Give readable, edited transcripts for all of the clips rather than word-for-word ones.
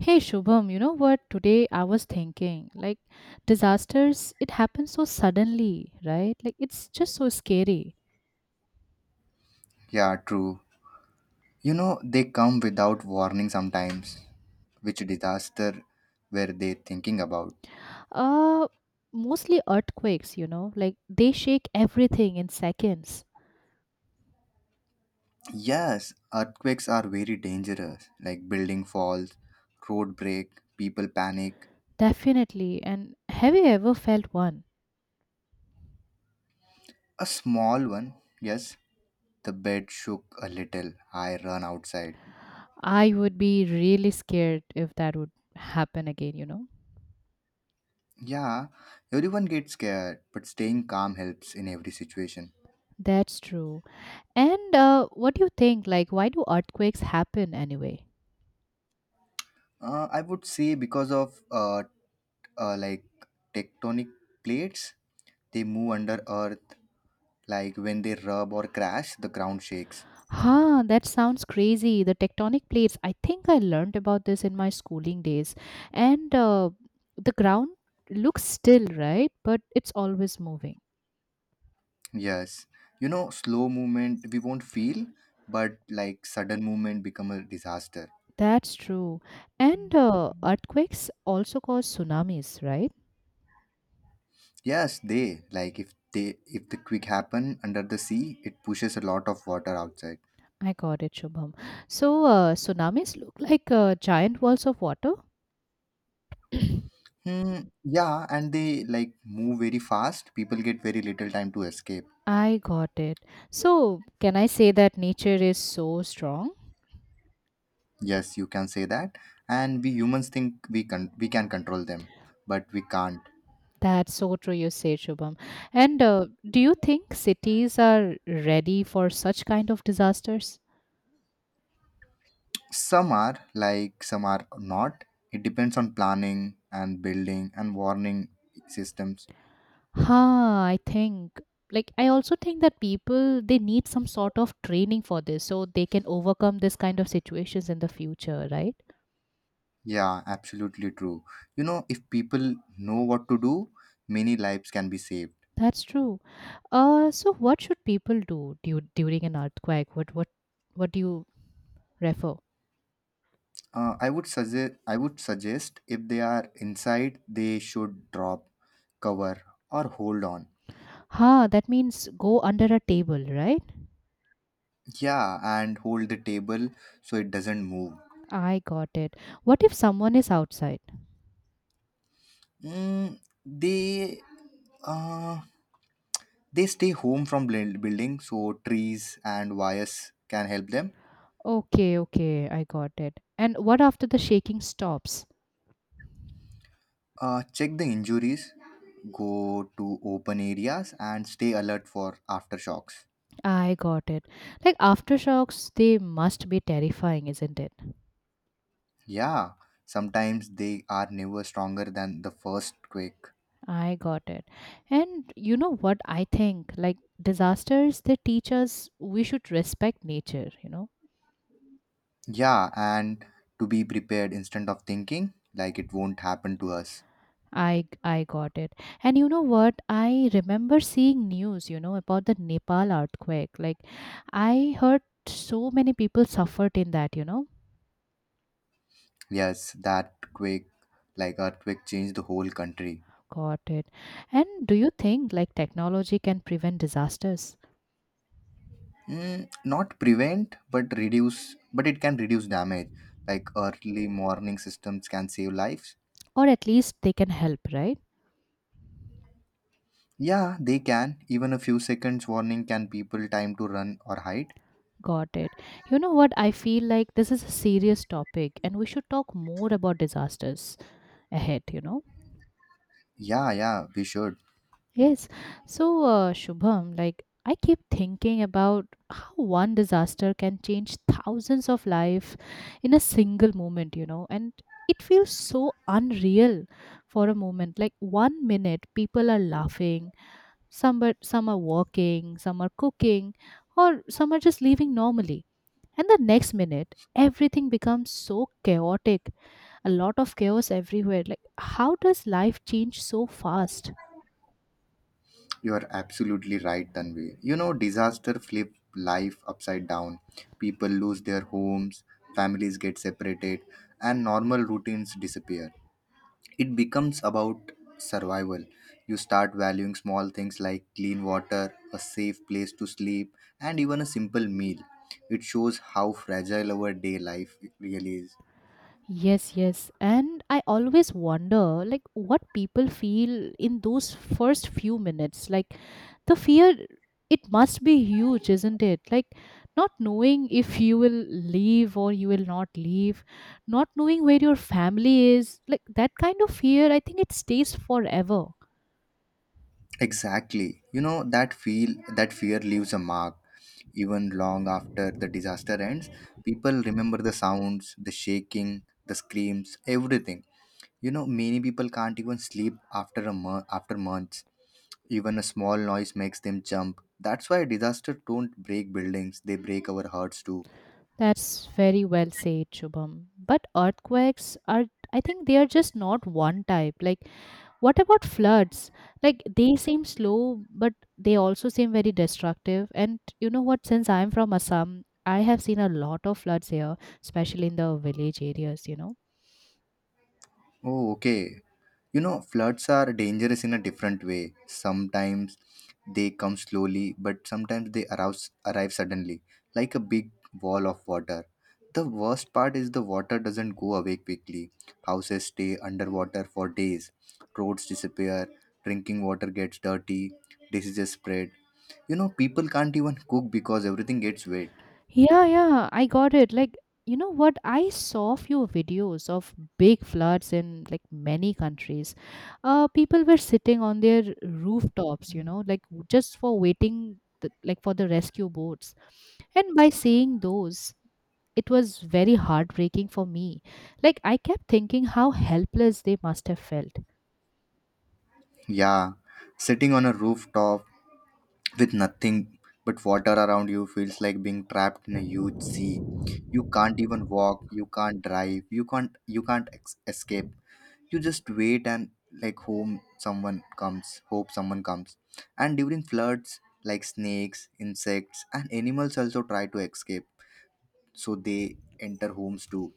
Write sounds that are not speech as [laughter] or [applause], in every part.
Hey Shubham, you know what? Today I was thinking, like, disasters, it happens so suddenly, right? Like, it's just so scary. Yeah, true. You know, they come without warning sometimes. Which disaster were they thinking about? Uh, mostly earthquakes, you know, like, they shake everything in seconds. Yes, earthquakes are very dangerous, like building falls, road break, people panic. Definitely. And have you ever felt one? A small one, yes. The bed shook a little. I run outside. I would be really scared if that would happen again, you know? Yeah, everyone gets scared, but staying calm helps in every situation. That's true. And what do you think? Like, why do earthquakes happen anyway? I would say because of like tectonic plates, they move under earth like when they rub or crash, the ground shakes. Huh, that sounds crazy. The tectonic plates. I think I learned about this in my schooling days. And the ground looks still, right? But it's always moving. Yes, you know, slow movement we won't feel, but like sudden movement become a disaster. That's true. And earthquakes also cause tsunamis, right? Yes, they like if the quick happen under the sea, it pushes a lot of water outside. I got it, Shubham. So, tsunamis look like giant walls of water? Hmm. Yeah, and they like move very fast. People get very little time to escape. I got it. So, can I say that nature is so strong? Yes, you can say that. And we humans think we can control them, but we can't. That's so true, you say, Shubham. And do you think cities are ready for such kind of disasters? Some are, like, some are not. It depends on planning and building and warning systems. Ha, I think. Like, I also think that people they need some sort of training for this, so they can overcome this kind of situations in the future, right? Yeah, absolutely true. You know, if people know what to do, many lives can be saved. That's true. So what should people do during an earthquake? What do you refer? I would suggest if they are inside, they should drop, cover, or hold on. Ha, that means go under a table, right? Yeah, and hold the table so it doesn't move. I got it. What if someone is outside? mm, they uh, They stay home from building, so trees and wires can help them. Okay, okay, I got it. And what after the shaking stops? Check the injuries, go to open areas, and stay alert for aftershocks. I got it. Like aftershocks, they must be terrifying, isn't it? Yeah, sometimes they are never stronger than the first quake. I got it. And you know what I think? Like disasters, they teach us we should respect nature, you know? Yeah, and to be prepared instead of thinking like it won't happen to us. I got it. And you know what? I remember seeing news, you know, about the Nepal earthquake. Like I heard so many people suffered in that, you know? Yes, that quake, like earthquake, changed the whole country. Got it. And do you think like technology can prevent disasters? Not prevent, but reduce, but it can reduce damage. Like early warning systems can save lives. Or at least they can help, right? Yeah, they can. Even a few seconds warning can people time to run or hide. Got it. You know what? I feel like this is a serious topic and we should talk more about disasters ahead, you know? Yeah, yeah, we should. Yes. So, Shubham, like I keep thinking about how one disaster can change thousands of life in a single moment, you know? And it feels so unreal for a moment. Like one minute people are laughing. Some but some are walking, some are cooking, or some are just living normally. And the next minute, everything becomes so chaotic. A lot of chaos everywhere. Like how does life change so fast? You are absolutely right, Tanvi. You know, disaster flip life upside down. People lose their homes, families get separated, and normal routines disappear. It becomes about survival. You start valuing small things like clean water, a safe place to sleep, and even a simple meal. It shows how fragile our day life really is. Yes, yes. And I always wonder like what people feel in those first few minutes. Like the fear it must be huge, isn't it? Like not knowing if you will leave or you will not leave, not knowing where your family is, like that kind of fear, I think it stays forever. Exactly. You know that fear leaves a mark. Even long after the disaster ends, people remember the sounds, the shaking, the screams, everything. You know, many people can't even sleep after after months. Even a small noise makes them jump. That's why disasters don't break buildings, they break our hearts too. That's very well said, Shubham. But earthquakes are, I think they are just not one type. Like what about floods? Like they seem slow, but they also seem very destructive. And you know what? Since I'm from Assam, I have seen a lot of floods here, especially in the village areas, you know. Oh, okay. You know, floods are dangerous in a different way. Sometimes they come slowly, but sometimes they arrive suddenly, like a big wall of water. The worst part is the water doesn't go away quickly. Houses stay underwater for days, roads disappear, drinking water gets dirty, diseases spread. You know, people can't even cook because everything gets wet. Yeah, yeah, I got it. Like, you know what? I saw few videos of big floods in like many countries. People were sitting on their rooftops, you know, like just for waiting, like for the rescue boats. And by seeing those, it was very heartbreaking for me. Like, I kept thinking how helpless they must have felt. Yeah, sitting on a rooftop with nothing but water around you feels like being trapped in a huge sea. You can't even walk, you can't drive, you can't ex- escape. You just wait and, like, hope someone comes. And during floods, like snakes, insects and animals also try to escape, so they enter homes too.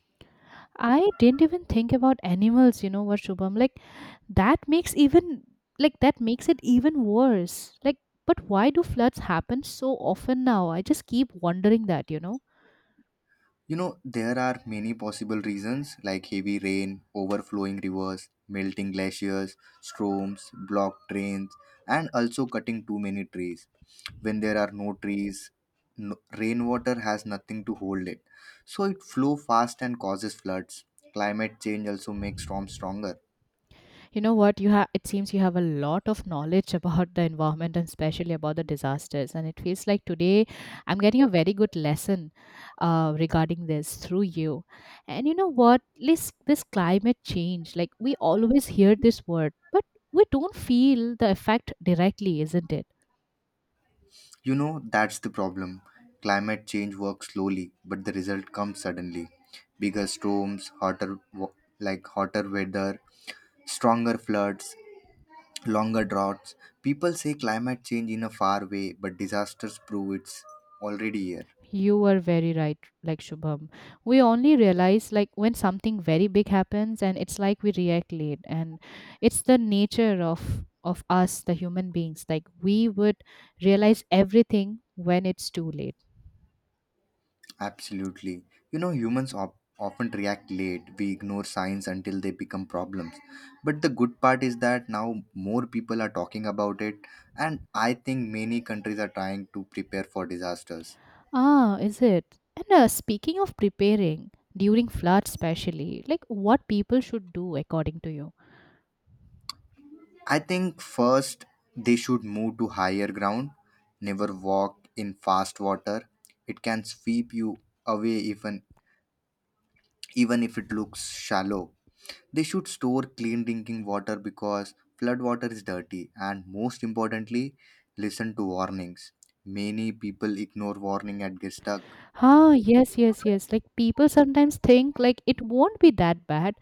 I didn't even think about animals, you know what, Shubham? Like, that makes even, like, that makes it even worse. Like, but why do floods happen so often now? I just keep wondering that, you know? You know, there are many possible reasons like heavy rain, overflowing rivers, melting glaciers, storms, blocked drains, and also cutting too many trees. When there are no trees, no, rainwater has nothing to hold it. So it flow fast and causes floods. Climate change also makes storms stronger. You know what? You have, it seems you have a lot of knowledge [laughs] about the environment and especially about the disasters. And it feels like today I'm getting a very good lesson regarding this through you. And you know what? This climate change, like we always hear this word, but we don't feel the effect directly, isn't it? You know, that's the problem. Climate change works slowly, but the result comes suddenly. Bigger storms, hotter wa- like hotter weather, stronger floods, longer droughts. People say climate change in a far way, but disasters prove it's already here. You were very right, like Shubham. We only realize like when something very big happens and it's like we react late and it's the nature of us, the human beings. Like we would realize everything when it's too late. Absolutely. You know, humans often react late. We ignore signs until they become problems. But the good part is that now more people are talking about it, and I think many countries are trying to prepare for disasters. Ah, is it? And speaking of preparing during floods especially, like what people should do according to you? I think first they should move to higher ground, never walk in fast water. It can sweep you away even if it looks shallow. They should store clean drinking water because flood water is dirty, and most importantly, listen to warnings. Many people ignore warning and get stuck. Ah, yes, yes, yes. Like people sometimes think like it won't be that bad,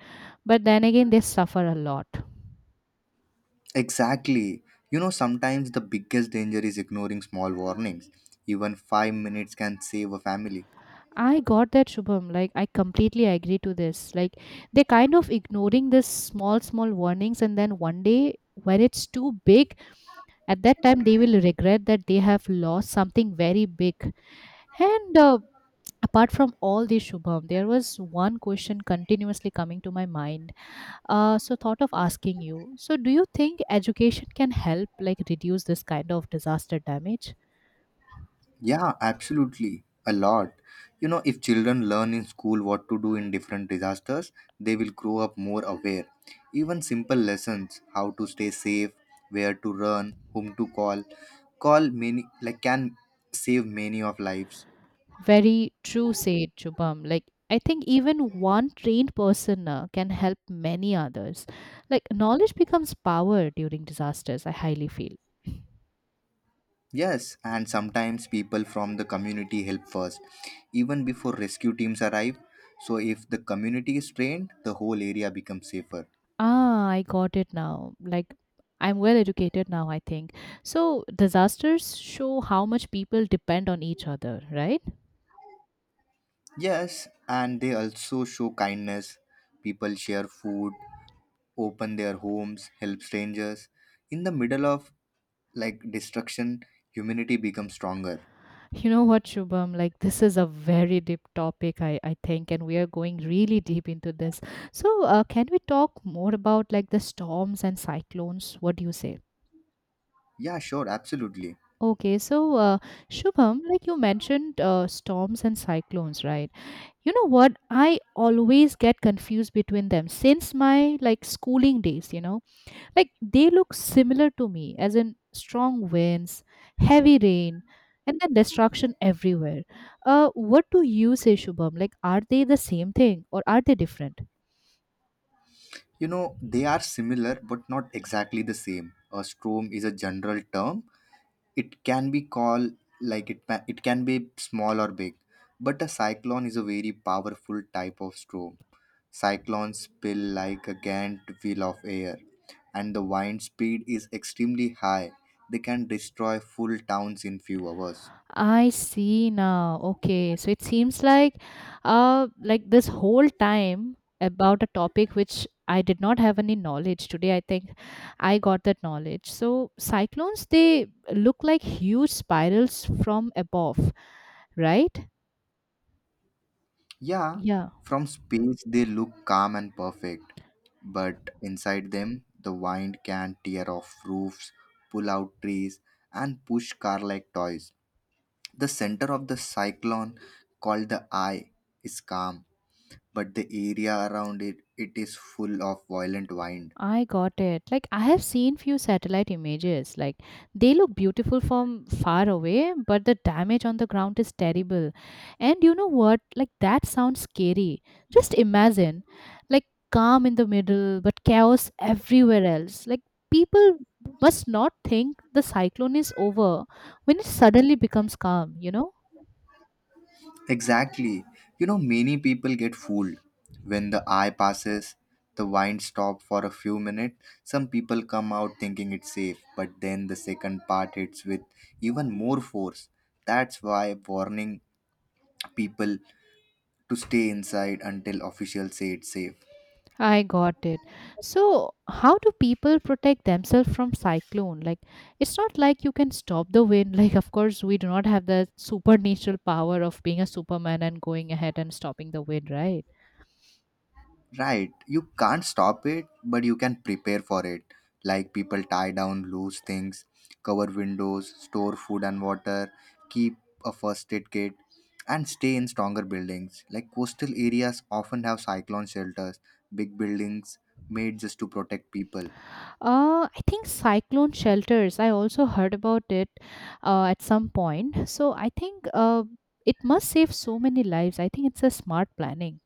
but then again they suffer a lot. Exactly. You know, sometimes the biggest danger is ignoring small warnings. Even 5 minutes can save a family. I got that, Shubham. Like, I completely agree to this. Like, they're kind of ignoring this small, small warnings, and then one day when it's too big, at that time they will regret that they have lost something very big. And apart from all this, Shubham, there was one question continuously coming to my mind. So thought of asking you. So, do you think education can help, like, reduce this kind of disaster damage? Yeah, absolutely. A lot. You know, if children learn in school what to do in different disasters, they will grow up more aware. Even simple lessons, how to stay safe, where to run, whom to call, call many like can save many of lives. Very true, said Shubham. Like, I think even one trained person can help many others. Like, knowledge becomes power during disasters, I highly feel. Yes, and sometimes people from the community help first, even before rescue teams arrive. So if the community is trained, the whole area becomes safer. Ah, I got it now. Like, I'm well educated now, I think. So, disasters show how much people depend on each other, right? Yes, and they also show kindness. People share food, open their homes, help strangers. In the middle of, like, destruction, humanity becomes stronger. You know what, Shubham? Like, this is a very deep topic, I think, and we are going really deep into this. So, can we talk more about like the storms and cyclones? What do you say? Yeah, sure, absolutely. Okay, so Shubham, like you mentioned, storms and cyclones, right? You know what? I always get confused between them since my like schooling days. You know, like they look similar to me, as in strong winds, heavy rain, and then destruction everywhere. What do you say, Shubham? Like, are they the same thing or are they different? You know, they are similar but not exactly the same. A storm is a general term. It can be called like it can be small or big, but a cyclone is a very powerful type of storm. Cyclones spill like a giant wheel of air, and the wind speed is extremely high. They can destroy full towns in few hours. I see now. Okay. So it seems like this whole time about a topic which I did not have any knowledge today. I think I got that knowledge. So cyclones they look like huge spirals from above, right? Yeah, Yeah. from space they look calm and perfect, but inside them the wind can tear off roofs, pull out trees, and push car like toys. The center of the cyclone, called the eye, is calm, but the area around it is full of violent wind. I got it. Like I have seen few satellite images. Like they look beautiful from far away, but the damage on the ground is terrible. And you know what? Like that sounds scary. Just imagine like calm in the middle, but chaos everywhere else. Like people must not think the cyclone is over when it suddenly becomes calm, you know? Exactly. You know, many people get fooled. When the eye passes, the wind stops for a few minutes. Some people come out thinking it's safe, but then the second part hits with even more force. That's why warning people to stay inside until officials say it's safe. I got it. So, how do people protect themselves from cyclone? Like, it's not like you can stop the wind. [laughs] Like, of course, we do not have the supernatural power of being a superman and going ahead and stopping the wind, right? Right. You can't stop it, but you can prepare for it. Like people tie down loose things, cover windows, store food and water, keep a first aid kit, and stay in stronger buildings. Like coastal areas often have cyclone shelters, big buildings made just to protect people. I think cyclone shelters. I also heard about it at some point. So, I think it must save so many lives. I think it's a smart planning.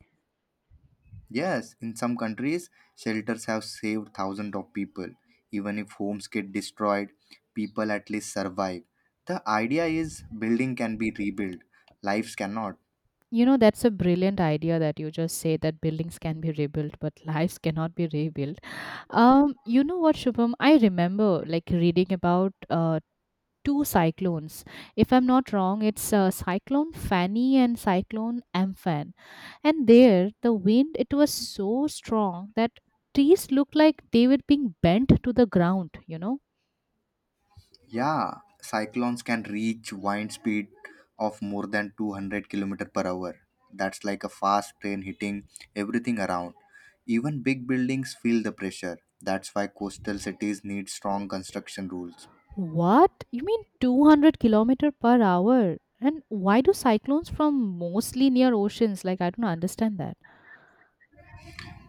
Yes, in some countries, shelters have saved thousands of people. Even if homes get destroyed, people at least survive. The idea is building can be rebuilt, lives cannot. You know, that's a brilliant idea that you just say that buildings can be rebuilt, but [laughs] lives cannot be rebuilt. You know what, Shubham? I remember like reading about two cyclones. If I'm not wrong, it's Cyclone Fanny and Cyclone Amphan. And there, the wind it was so strong that trees looked like they were being bent to the ground. You know Yeah, cyclones can reach wind speed of more than 200 kilometer per hour. That's like a fast train hitting everything around. Even big buildings feel the pressure. That's why coastal cities need strong construction rules. what? You mean 200 kilometer per hour? And why do cyclones from mostly near oceans? Like I don't understand that.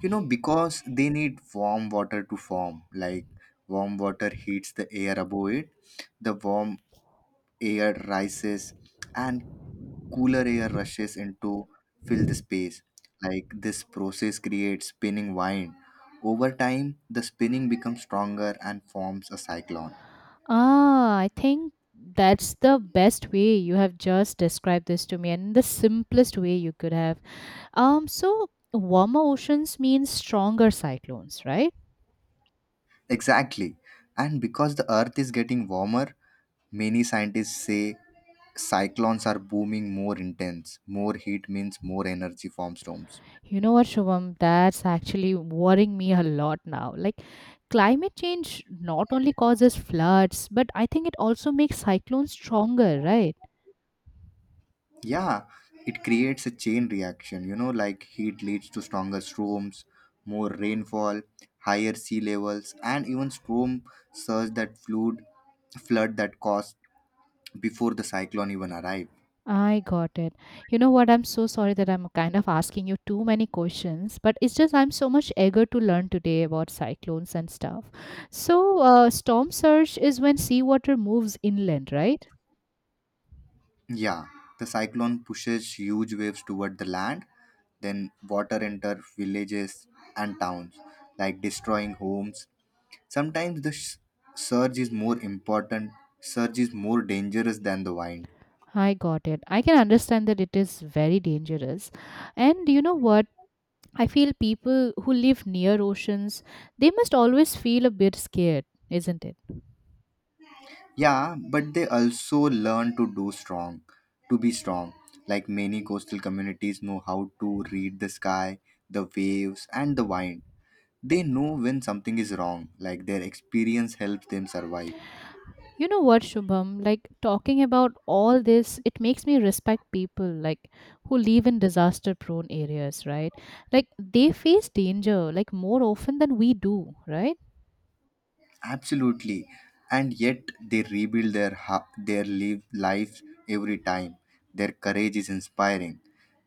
You know, because they need warm water to form. Like warm water heats the air above it, the warm air rises and cooler air rushes in to fill the space. Like this process creates spinning wind. Over time, the spinning becomes stronger and forms a cyclone. Ah, I think that's the best way you have just described this to me and the simplest way you could have. So warmer oceans means stronger cyclones, right? Exactly. And because the earth is getting warmer, many scientists say cyclones are booming more intense. More heat means more energy from storms. You know what, Shubham, that's actually worrying me a lot now. Like climate change not only causes floods, but I think it also makes cyclones stronger, right? Yeah, it creates a chain reaction, you know, like heat leads to stronger storms, more rainfall, higher sea levels, and even storm surge that flood that caused before the cyclone even arrived. I got it. You know what? I'm so sorry that I'm kind of asking you too many questions, but it's just I'm so much eager to learn today about cyclones and stuff. So, storm surge is when seawater moves inland, right? Yeah, the cyclone pushes huge waves toward the land, then water enter villages and towns, like destroying homes. Sometimes the surge is more important, surge is more dangerous than the wind. I got it. I can understand that it is very dangerous. And you know what? I feel people who live near oceans, they must always feel a bit scared, isn't it? Yeah, but they also learn to be strong. Like many coastal communities know how to read the sky, the waves, and the wind. They know when something is wrong, like their experience helps them survive. You know what, Shubham? Like talking about all this, it makes me respect people like who live in disaster prone areas, right? Like they face danger like more often than we do, right? Absolutely. And yet they rebuild their live life every time. Their courage is inspiring.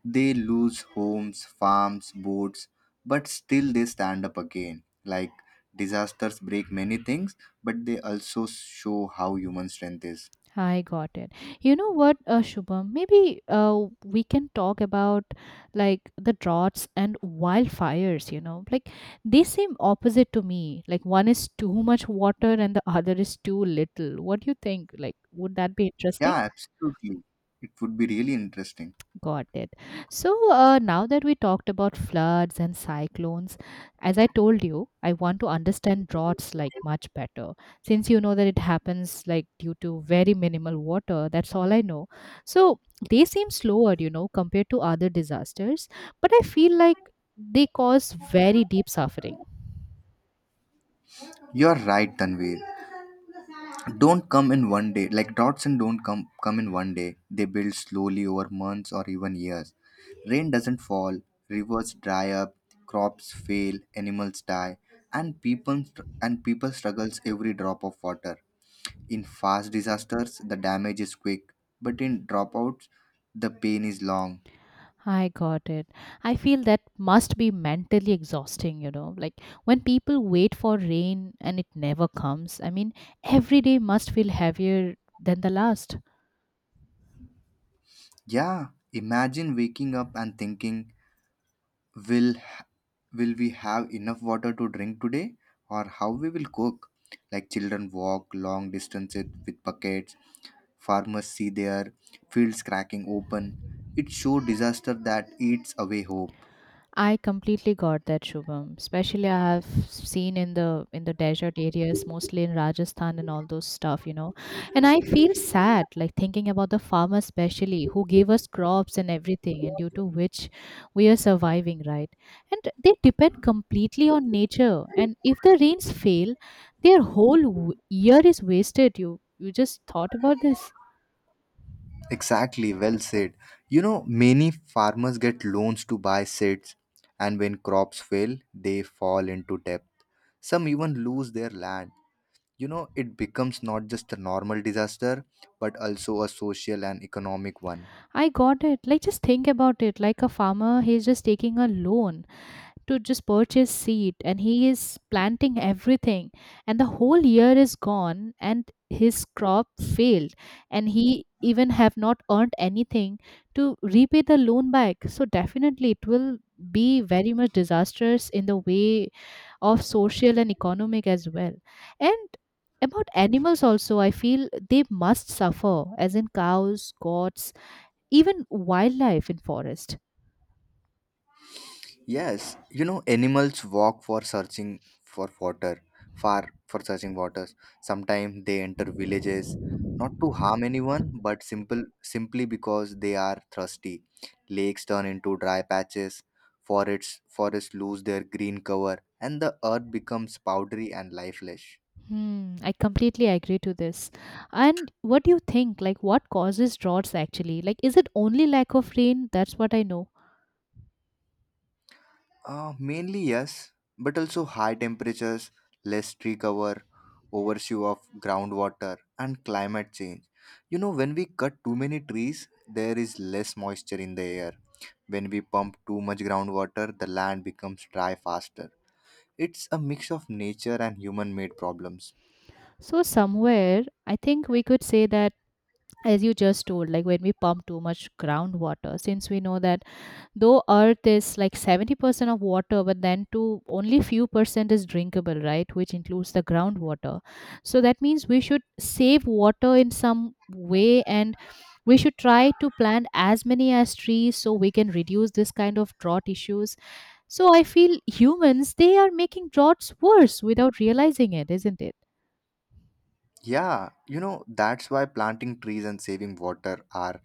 They lose homes, farms, boats, but still they stand up again. Like disasters break many things, but they also show how human strength is. I got it. You know what, Shubham? Maybe we can talk about like the droughts and wildfires, you know? Like they seem opposite to me. Like one is too much water and the other is too little. What do you think? Like, would that be interesting? Yeah, absolutely. It would be really interesting. Got it. So now that we talked about floods and cyclones, as I told you, I want to understand droughts like much better. Since you know that it happens like due to very minimal water, that's all I know. So they seem slower, you know, compared to other disasters, but I feel like they cause very deep suffering. You're right, Tanvir. Don't come in one day, like droughts, and don't come in one day. They build slowly over months or even years. Rain doesn't fall, rivers dry up, crops fail, animals die, and people struggles every drop of water. In fast disasters the damage is quick, but in dropouts the pain is long. I got it. I feel that must be mentally exhausting, you know. Like when people wait for rain and it never comes, I mean, every day must feel heavier than the last. Yeah, imagine waking up and thinking, will will we have enough water to drink today, or how we will cook. Like children walk long distances with buckets, farmers see their fields cracking open. It's show disaster that eats away hope. I completely got that, Shubham. Especially I have seen in the desert areas, mostly in Rajasthan and all those stuff, you know. And I feel sad, like thinking about the farmers especially who gave us crops and everything, and due to which we are surviving, right? And they depend completely on nature. And if the rains fail, their whole year is wasted. You just thought about this? Exactly, well said. You know, many farmers get loans to buy seeds, and when crops fail they fall into debt. Some even lose their land. You know, it becomes not just a normal disaster, but also a social and economic one. I got it. Like just think about it. Like a farmer, he's just taking a loan to just purchase seed and he is planting everything, and the whole year is gone and his crop failed, and he even have not earned anything to repay the loan back. So definitely it will be very much disastrous in the way of social and economic as well. And about animals also, I feel they must suffer, as in cows, goats, even wildlife in forest. Yes, you know, animals walk for searching for water, far for searching waters. Sometimes they enter villages, not to harm anyone, but simple simply because they are thirsty. Lakes turn into dry patches, forests lose their green cover, and the earth becomes powdery and lifeless. Hmm, I completely agree to this. And what do you think? Like, what causes droughts actually? Like, is it only lack of rain? That's what I know. Mainly yes, but also high temperatures, less tree cover, overshoe of groundwater, and climate change. You know, when we cut too many trees, there is less moisture in the air. When we pump too much groundwater, the land becomes dry faster. It's a mix of nature and human made problems. So, somewhere, I think we could say that, as you just told, like when we pump too much groundwater, since we know that though earth is like 70% of water but then to only few percent is drinkable, right, which includes the groundwater. So that means we should save water in some way, and we should try to plant as many as trees so we can reduce this kind of drought issues. So I feel humans, they are making droughts worse without realizing it, isn't it? Yeah, you know, that's why planting trees and saving water are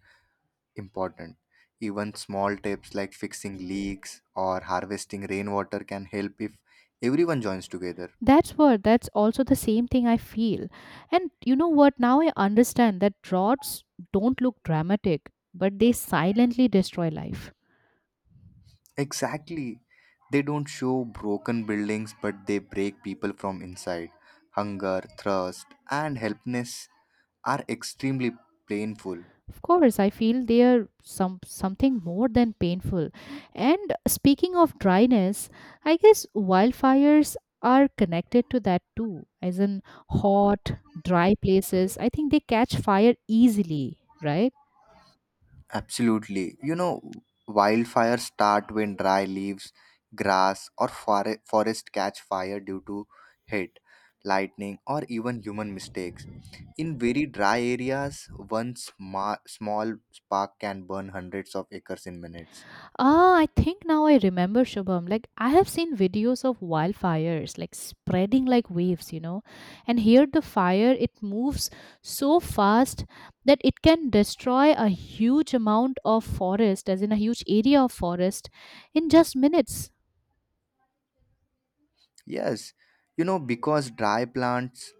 important. Even small tips like fixing leaks or harvesting rainwater can help if everyone joins together. That's also the same thing I feel. And you know what? Now I understand that droughts don't look dramatic, but they silently destroy life. Exactly. They don't show broken buildings, but they break people from inside. Hunger, thirst, and helplessness are extremely painful. Of course, I feel they are something more than painful. And speaking of dryness, I guess wildfires are connected to that too. As in hot, dry places, I think they catch fire easily, right? Absolutely. You know, wildfires start when dry leaves, grass, or forest catch fire due to heat, lightning, or even human mistakes. In very dry areas, one small spark can burn hundreds of acres in minutes. Ah, I think now I remember, Shubham. Like I have seen videos of wildfires like spreading like waves, you know. And here the fire, it moves so fast that it can destroy a huge amount of forest, as in a huge area of forest in just minutes. Yes, you know, because dry plants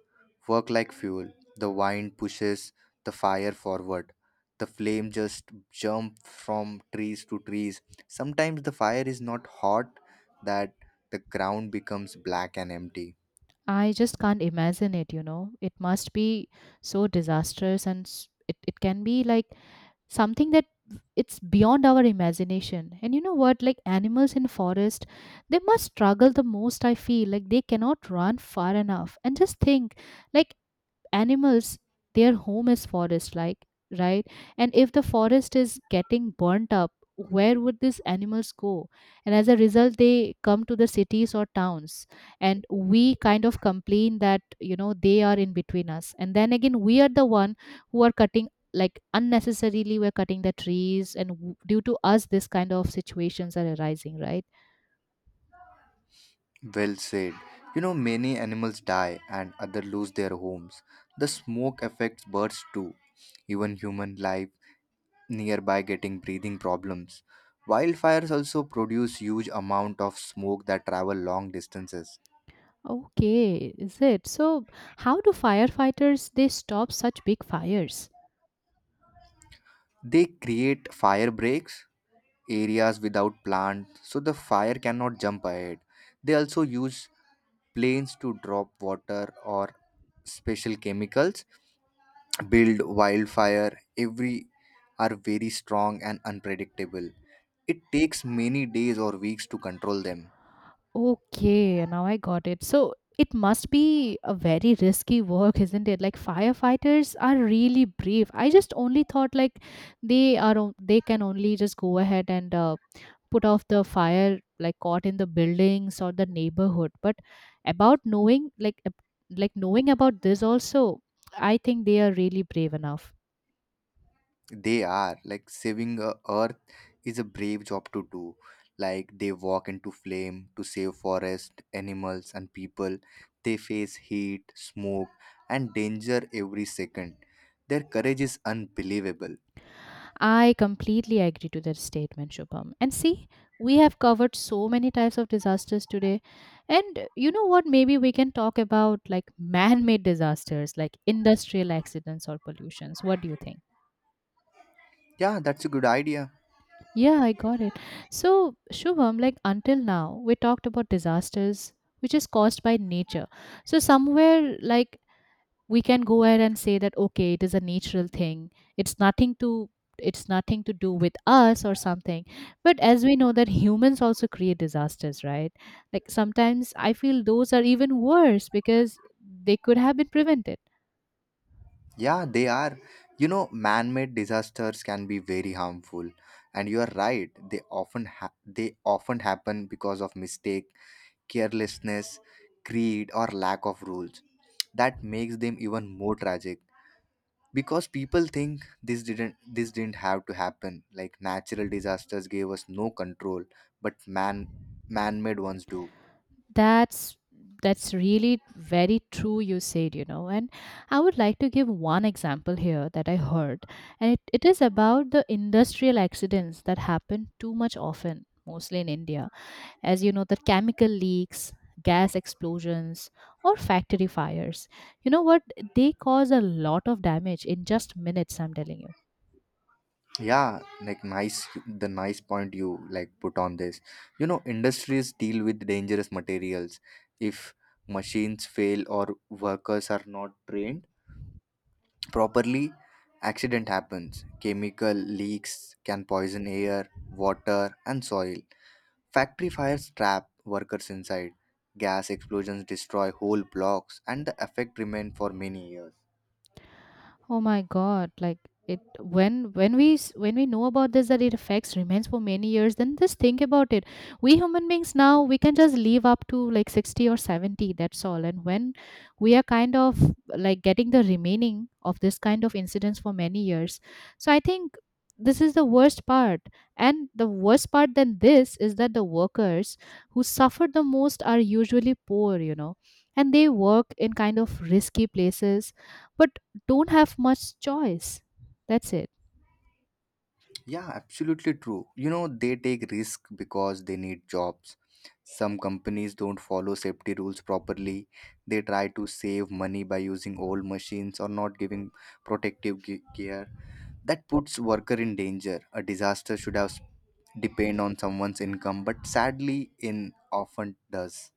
work like fuel. The wind pushes the fire forward. The flame just jump from trees to trees. Sometimes the fire is not hot that the ground becomes black and empty. I just can't imagine it, you know. It must be so disastrous, and it can be like something that it's beyond our imagination. And you know what, like animals in forest, they must struggle the most, I feel. Like they cannot run far enough. And just think, like, animals, their home is forest, like, right? And if the forest is getting burnt up, where would these animals go? And as a result, they come to the cities or towns, and we kind of complain that, you know, they are in between us, and then again we are the one who are cutting, like unnecessarily we're cutting the trees, and due to us this kind of situations are arising, right? Well said. You know, many animals die and others lose their homes. The smoke affects birds too. Even human life nearby getting breathing problems. Wildfires also produce huge amount of smoke that travel long distances. Okay, is it? So, how do firefighters they stop such big fires? They create fire breaks, areas without plants, so the fire cannot jump ahead. They also use planes to drop water or special chemicals. Build wildfire every are very strong and unpredictable. It takes many days or weeks to control them. Okay, now I got it. So, it must be a very risky work, isn't it? Like firefighters are really brave. I just only thought like they are they can only just go ahead and put off the fire like caught in the buildings or the neighborhood. But about knowing like like knowing about this also, I think they are really brave enough. They are like saving a earth is a brave job to do. Like they walk into flame to save forest, animals and people. They face heat, smoke and danger every second. Their courage is unbelievable. I completely agree to that statement, Shubham. And see, we have covered so many types of disasters today. And you know what? Maybe we can talk about like [laughs] man made disasters, like industrial accidents or pollutions. What do you think? Yeah, that's a good idea. Yeah, I got it. So, Shubham, like until now, we talked about disasters which is caused by nature. So, somewhere like we can go ahead and say that okay, it is a natural thing, it's nothing to, it's nothing to do with us or something. But as we know that humans also create disasters, right? Like sometimes I feel those are even worse because they could have been prevented. Yeah, they are. You know, man-made disasters can be very harmful, and you are right. They often happen because of mistake, carelessness, greed, or lack of rules. That makes them even more tragic, because people think this didn't have to happen. Like natural disasters gave us no control, but man-made ones do. That's that's really very true you said, you know. And I would like to give one example here that I heard, and it is about the industrial accidents that happen too much often, mostly in India. As you know, the chemical leaks, gas explosions, or factory fires, you know what, they cause a lot of damage in just minutes, I'm telling you. Yeah, like nice the nice point you, like, put on this. You know, industries deal with dangerous materials. If machines fail or workers are not trained properly, accident happens. Chemical leaks can poison air, water, and soil. Factory fires trap workers inside. Gas explosions destroy whole blocks, and the effect remain for many years. Oh my God! Like it when when we know about this that it affects remains for many years, then just think about it. We human beings now we can just live up to like 60 or 70. That's all. And when we are kind of like getting the remaining of this kind of incidents for many years, so I think this is the worst part. And the worst part than this is that the workers who suffer the most are usually poor. You know, and they work in kind of risky places. But don't have much choice. That's it. Yeah, absolutely true. You know, they take risk because they need jobs. Some companies don't follow safety rules properly. They try to save money by using old machines or not giving protective gear. That puts worker in danger. A disaster should have depend on someone's income, but sadly, in often does.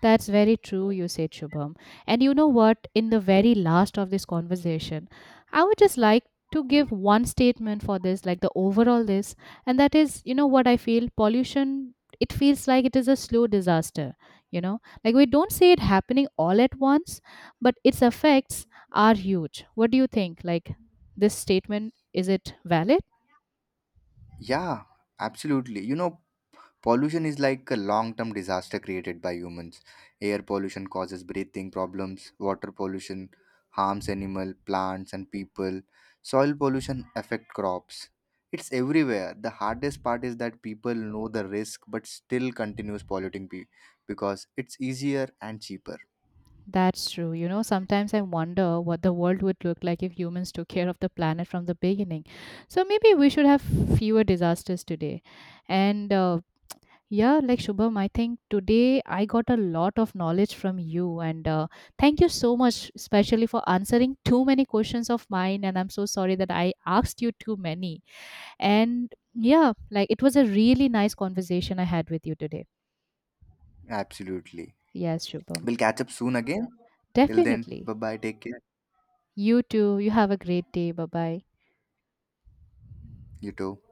That's very true, you said, Shubham. And you know what? In the very last of this conversation, I would just like to give one statement for this, like the overall this, and that is, you know what I feel? Pollution, it feels like it is a slow disaster, you know? Like we don't see it happening all at once, but its effects are huge. What do you think? Like this statement, is it valid? Yeah, absolutely. You know, pollution is like a long-term disaster created by humans. Air pollution causes breathing problems. Water pollution harms animal, plants, and people. Soil pollution affect crops. It's everywhere. The hardest part is that people know the risk but still continues polluting because it's easier and cheaper. That's true. You know, sometimes I wonder what the world would look like if humans took care of the planet from the beginning. So maybe we should have fewer disasters today. And yeah, like Shubham, I think today I got a lot of knowledge from you. And thank you so much, especially for answering too many questions of mine. And I'm so sorry that I asked you too many. And yeah, like it was a really nice conversation I had with you today. Absolutely. Yes, Shubham. We'll catch up soon again. Till then, bye Definitely. bye. Take care. You too. You have a great day. Bye bye. You too.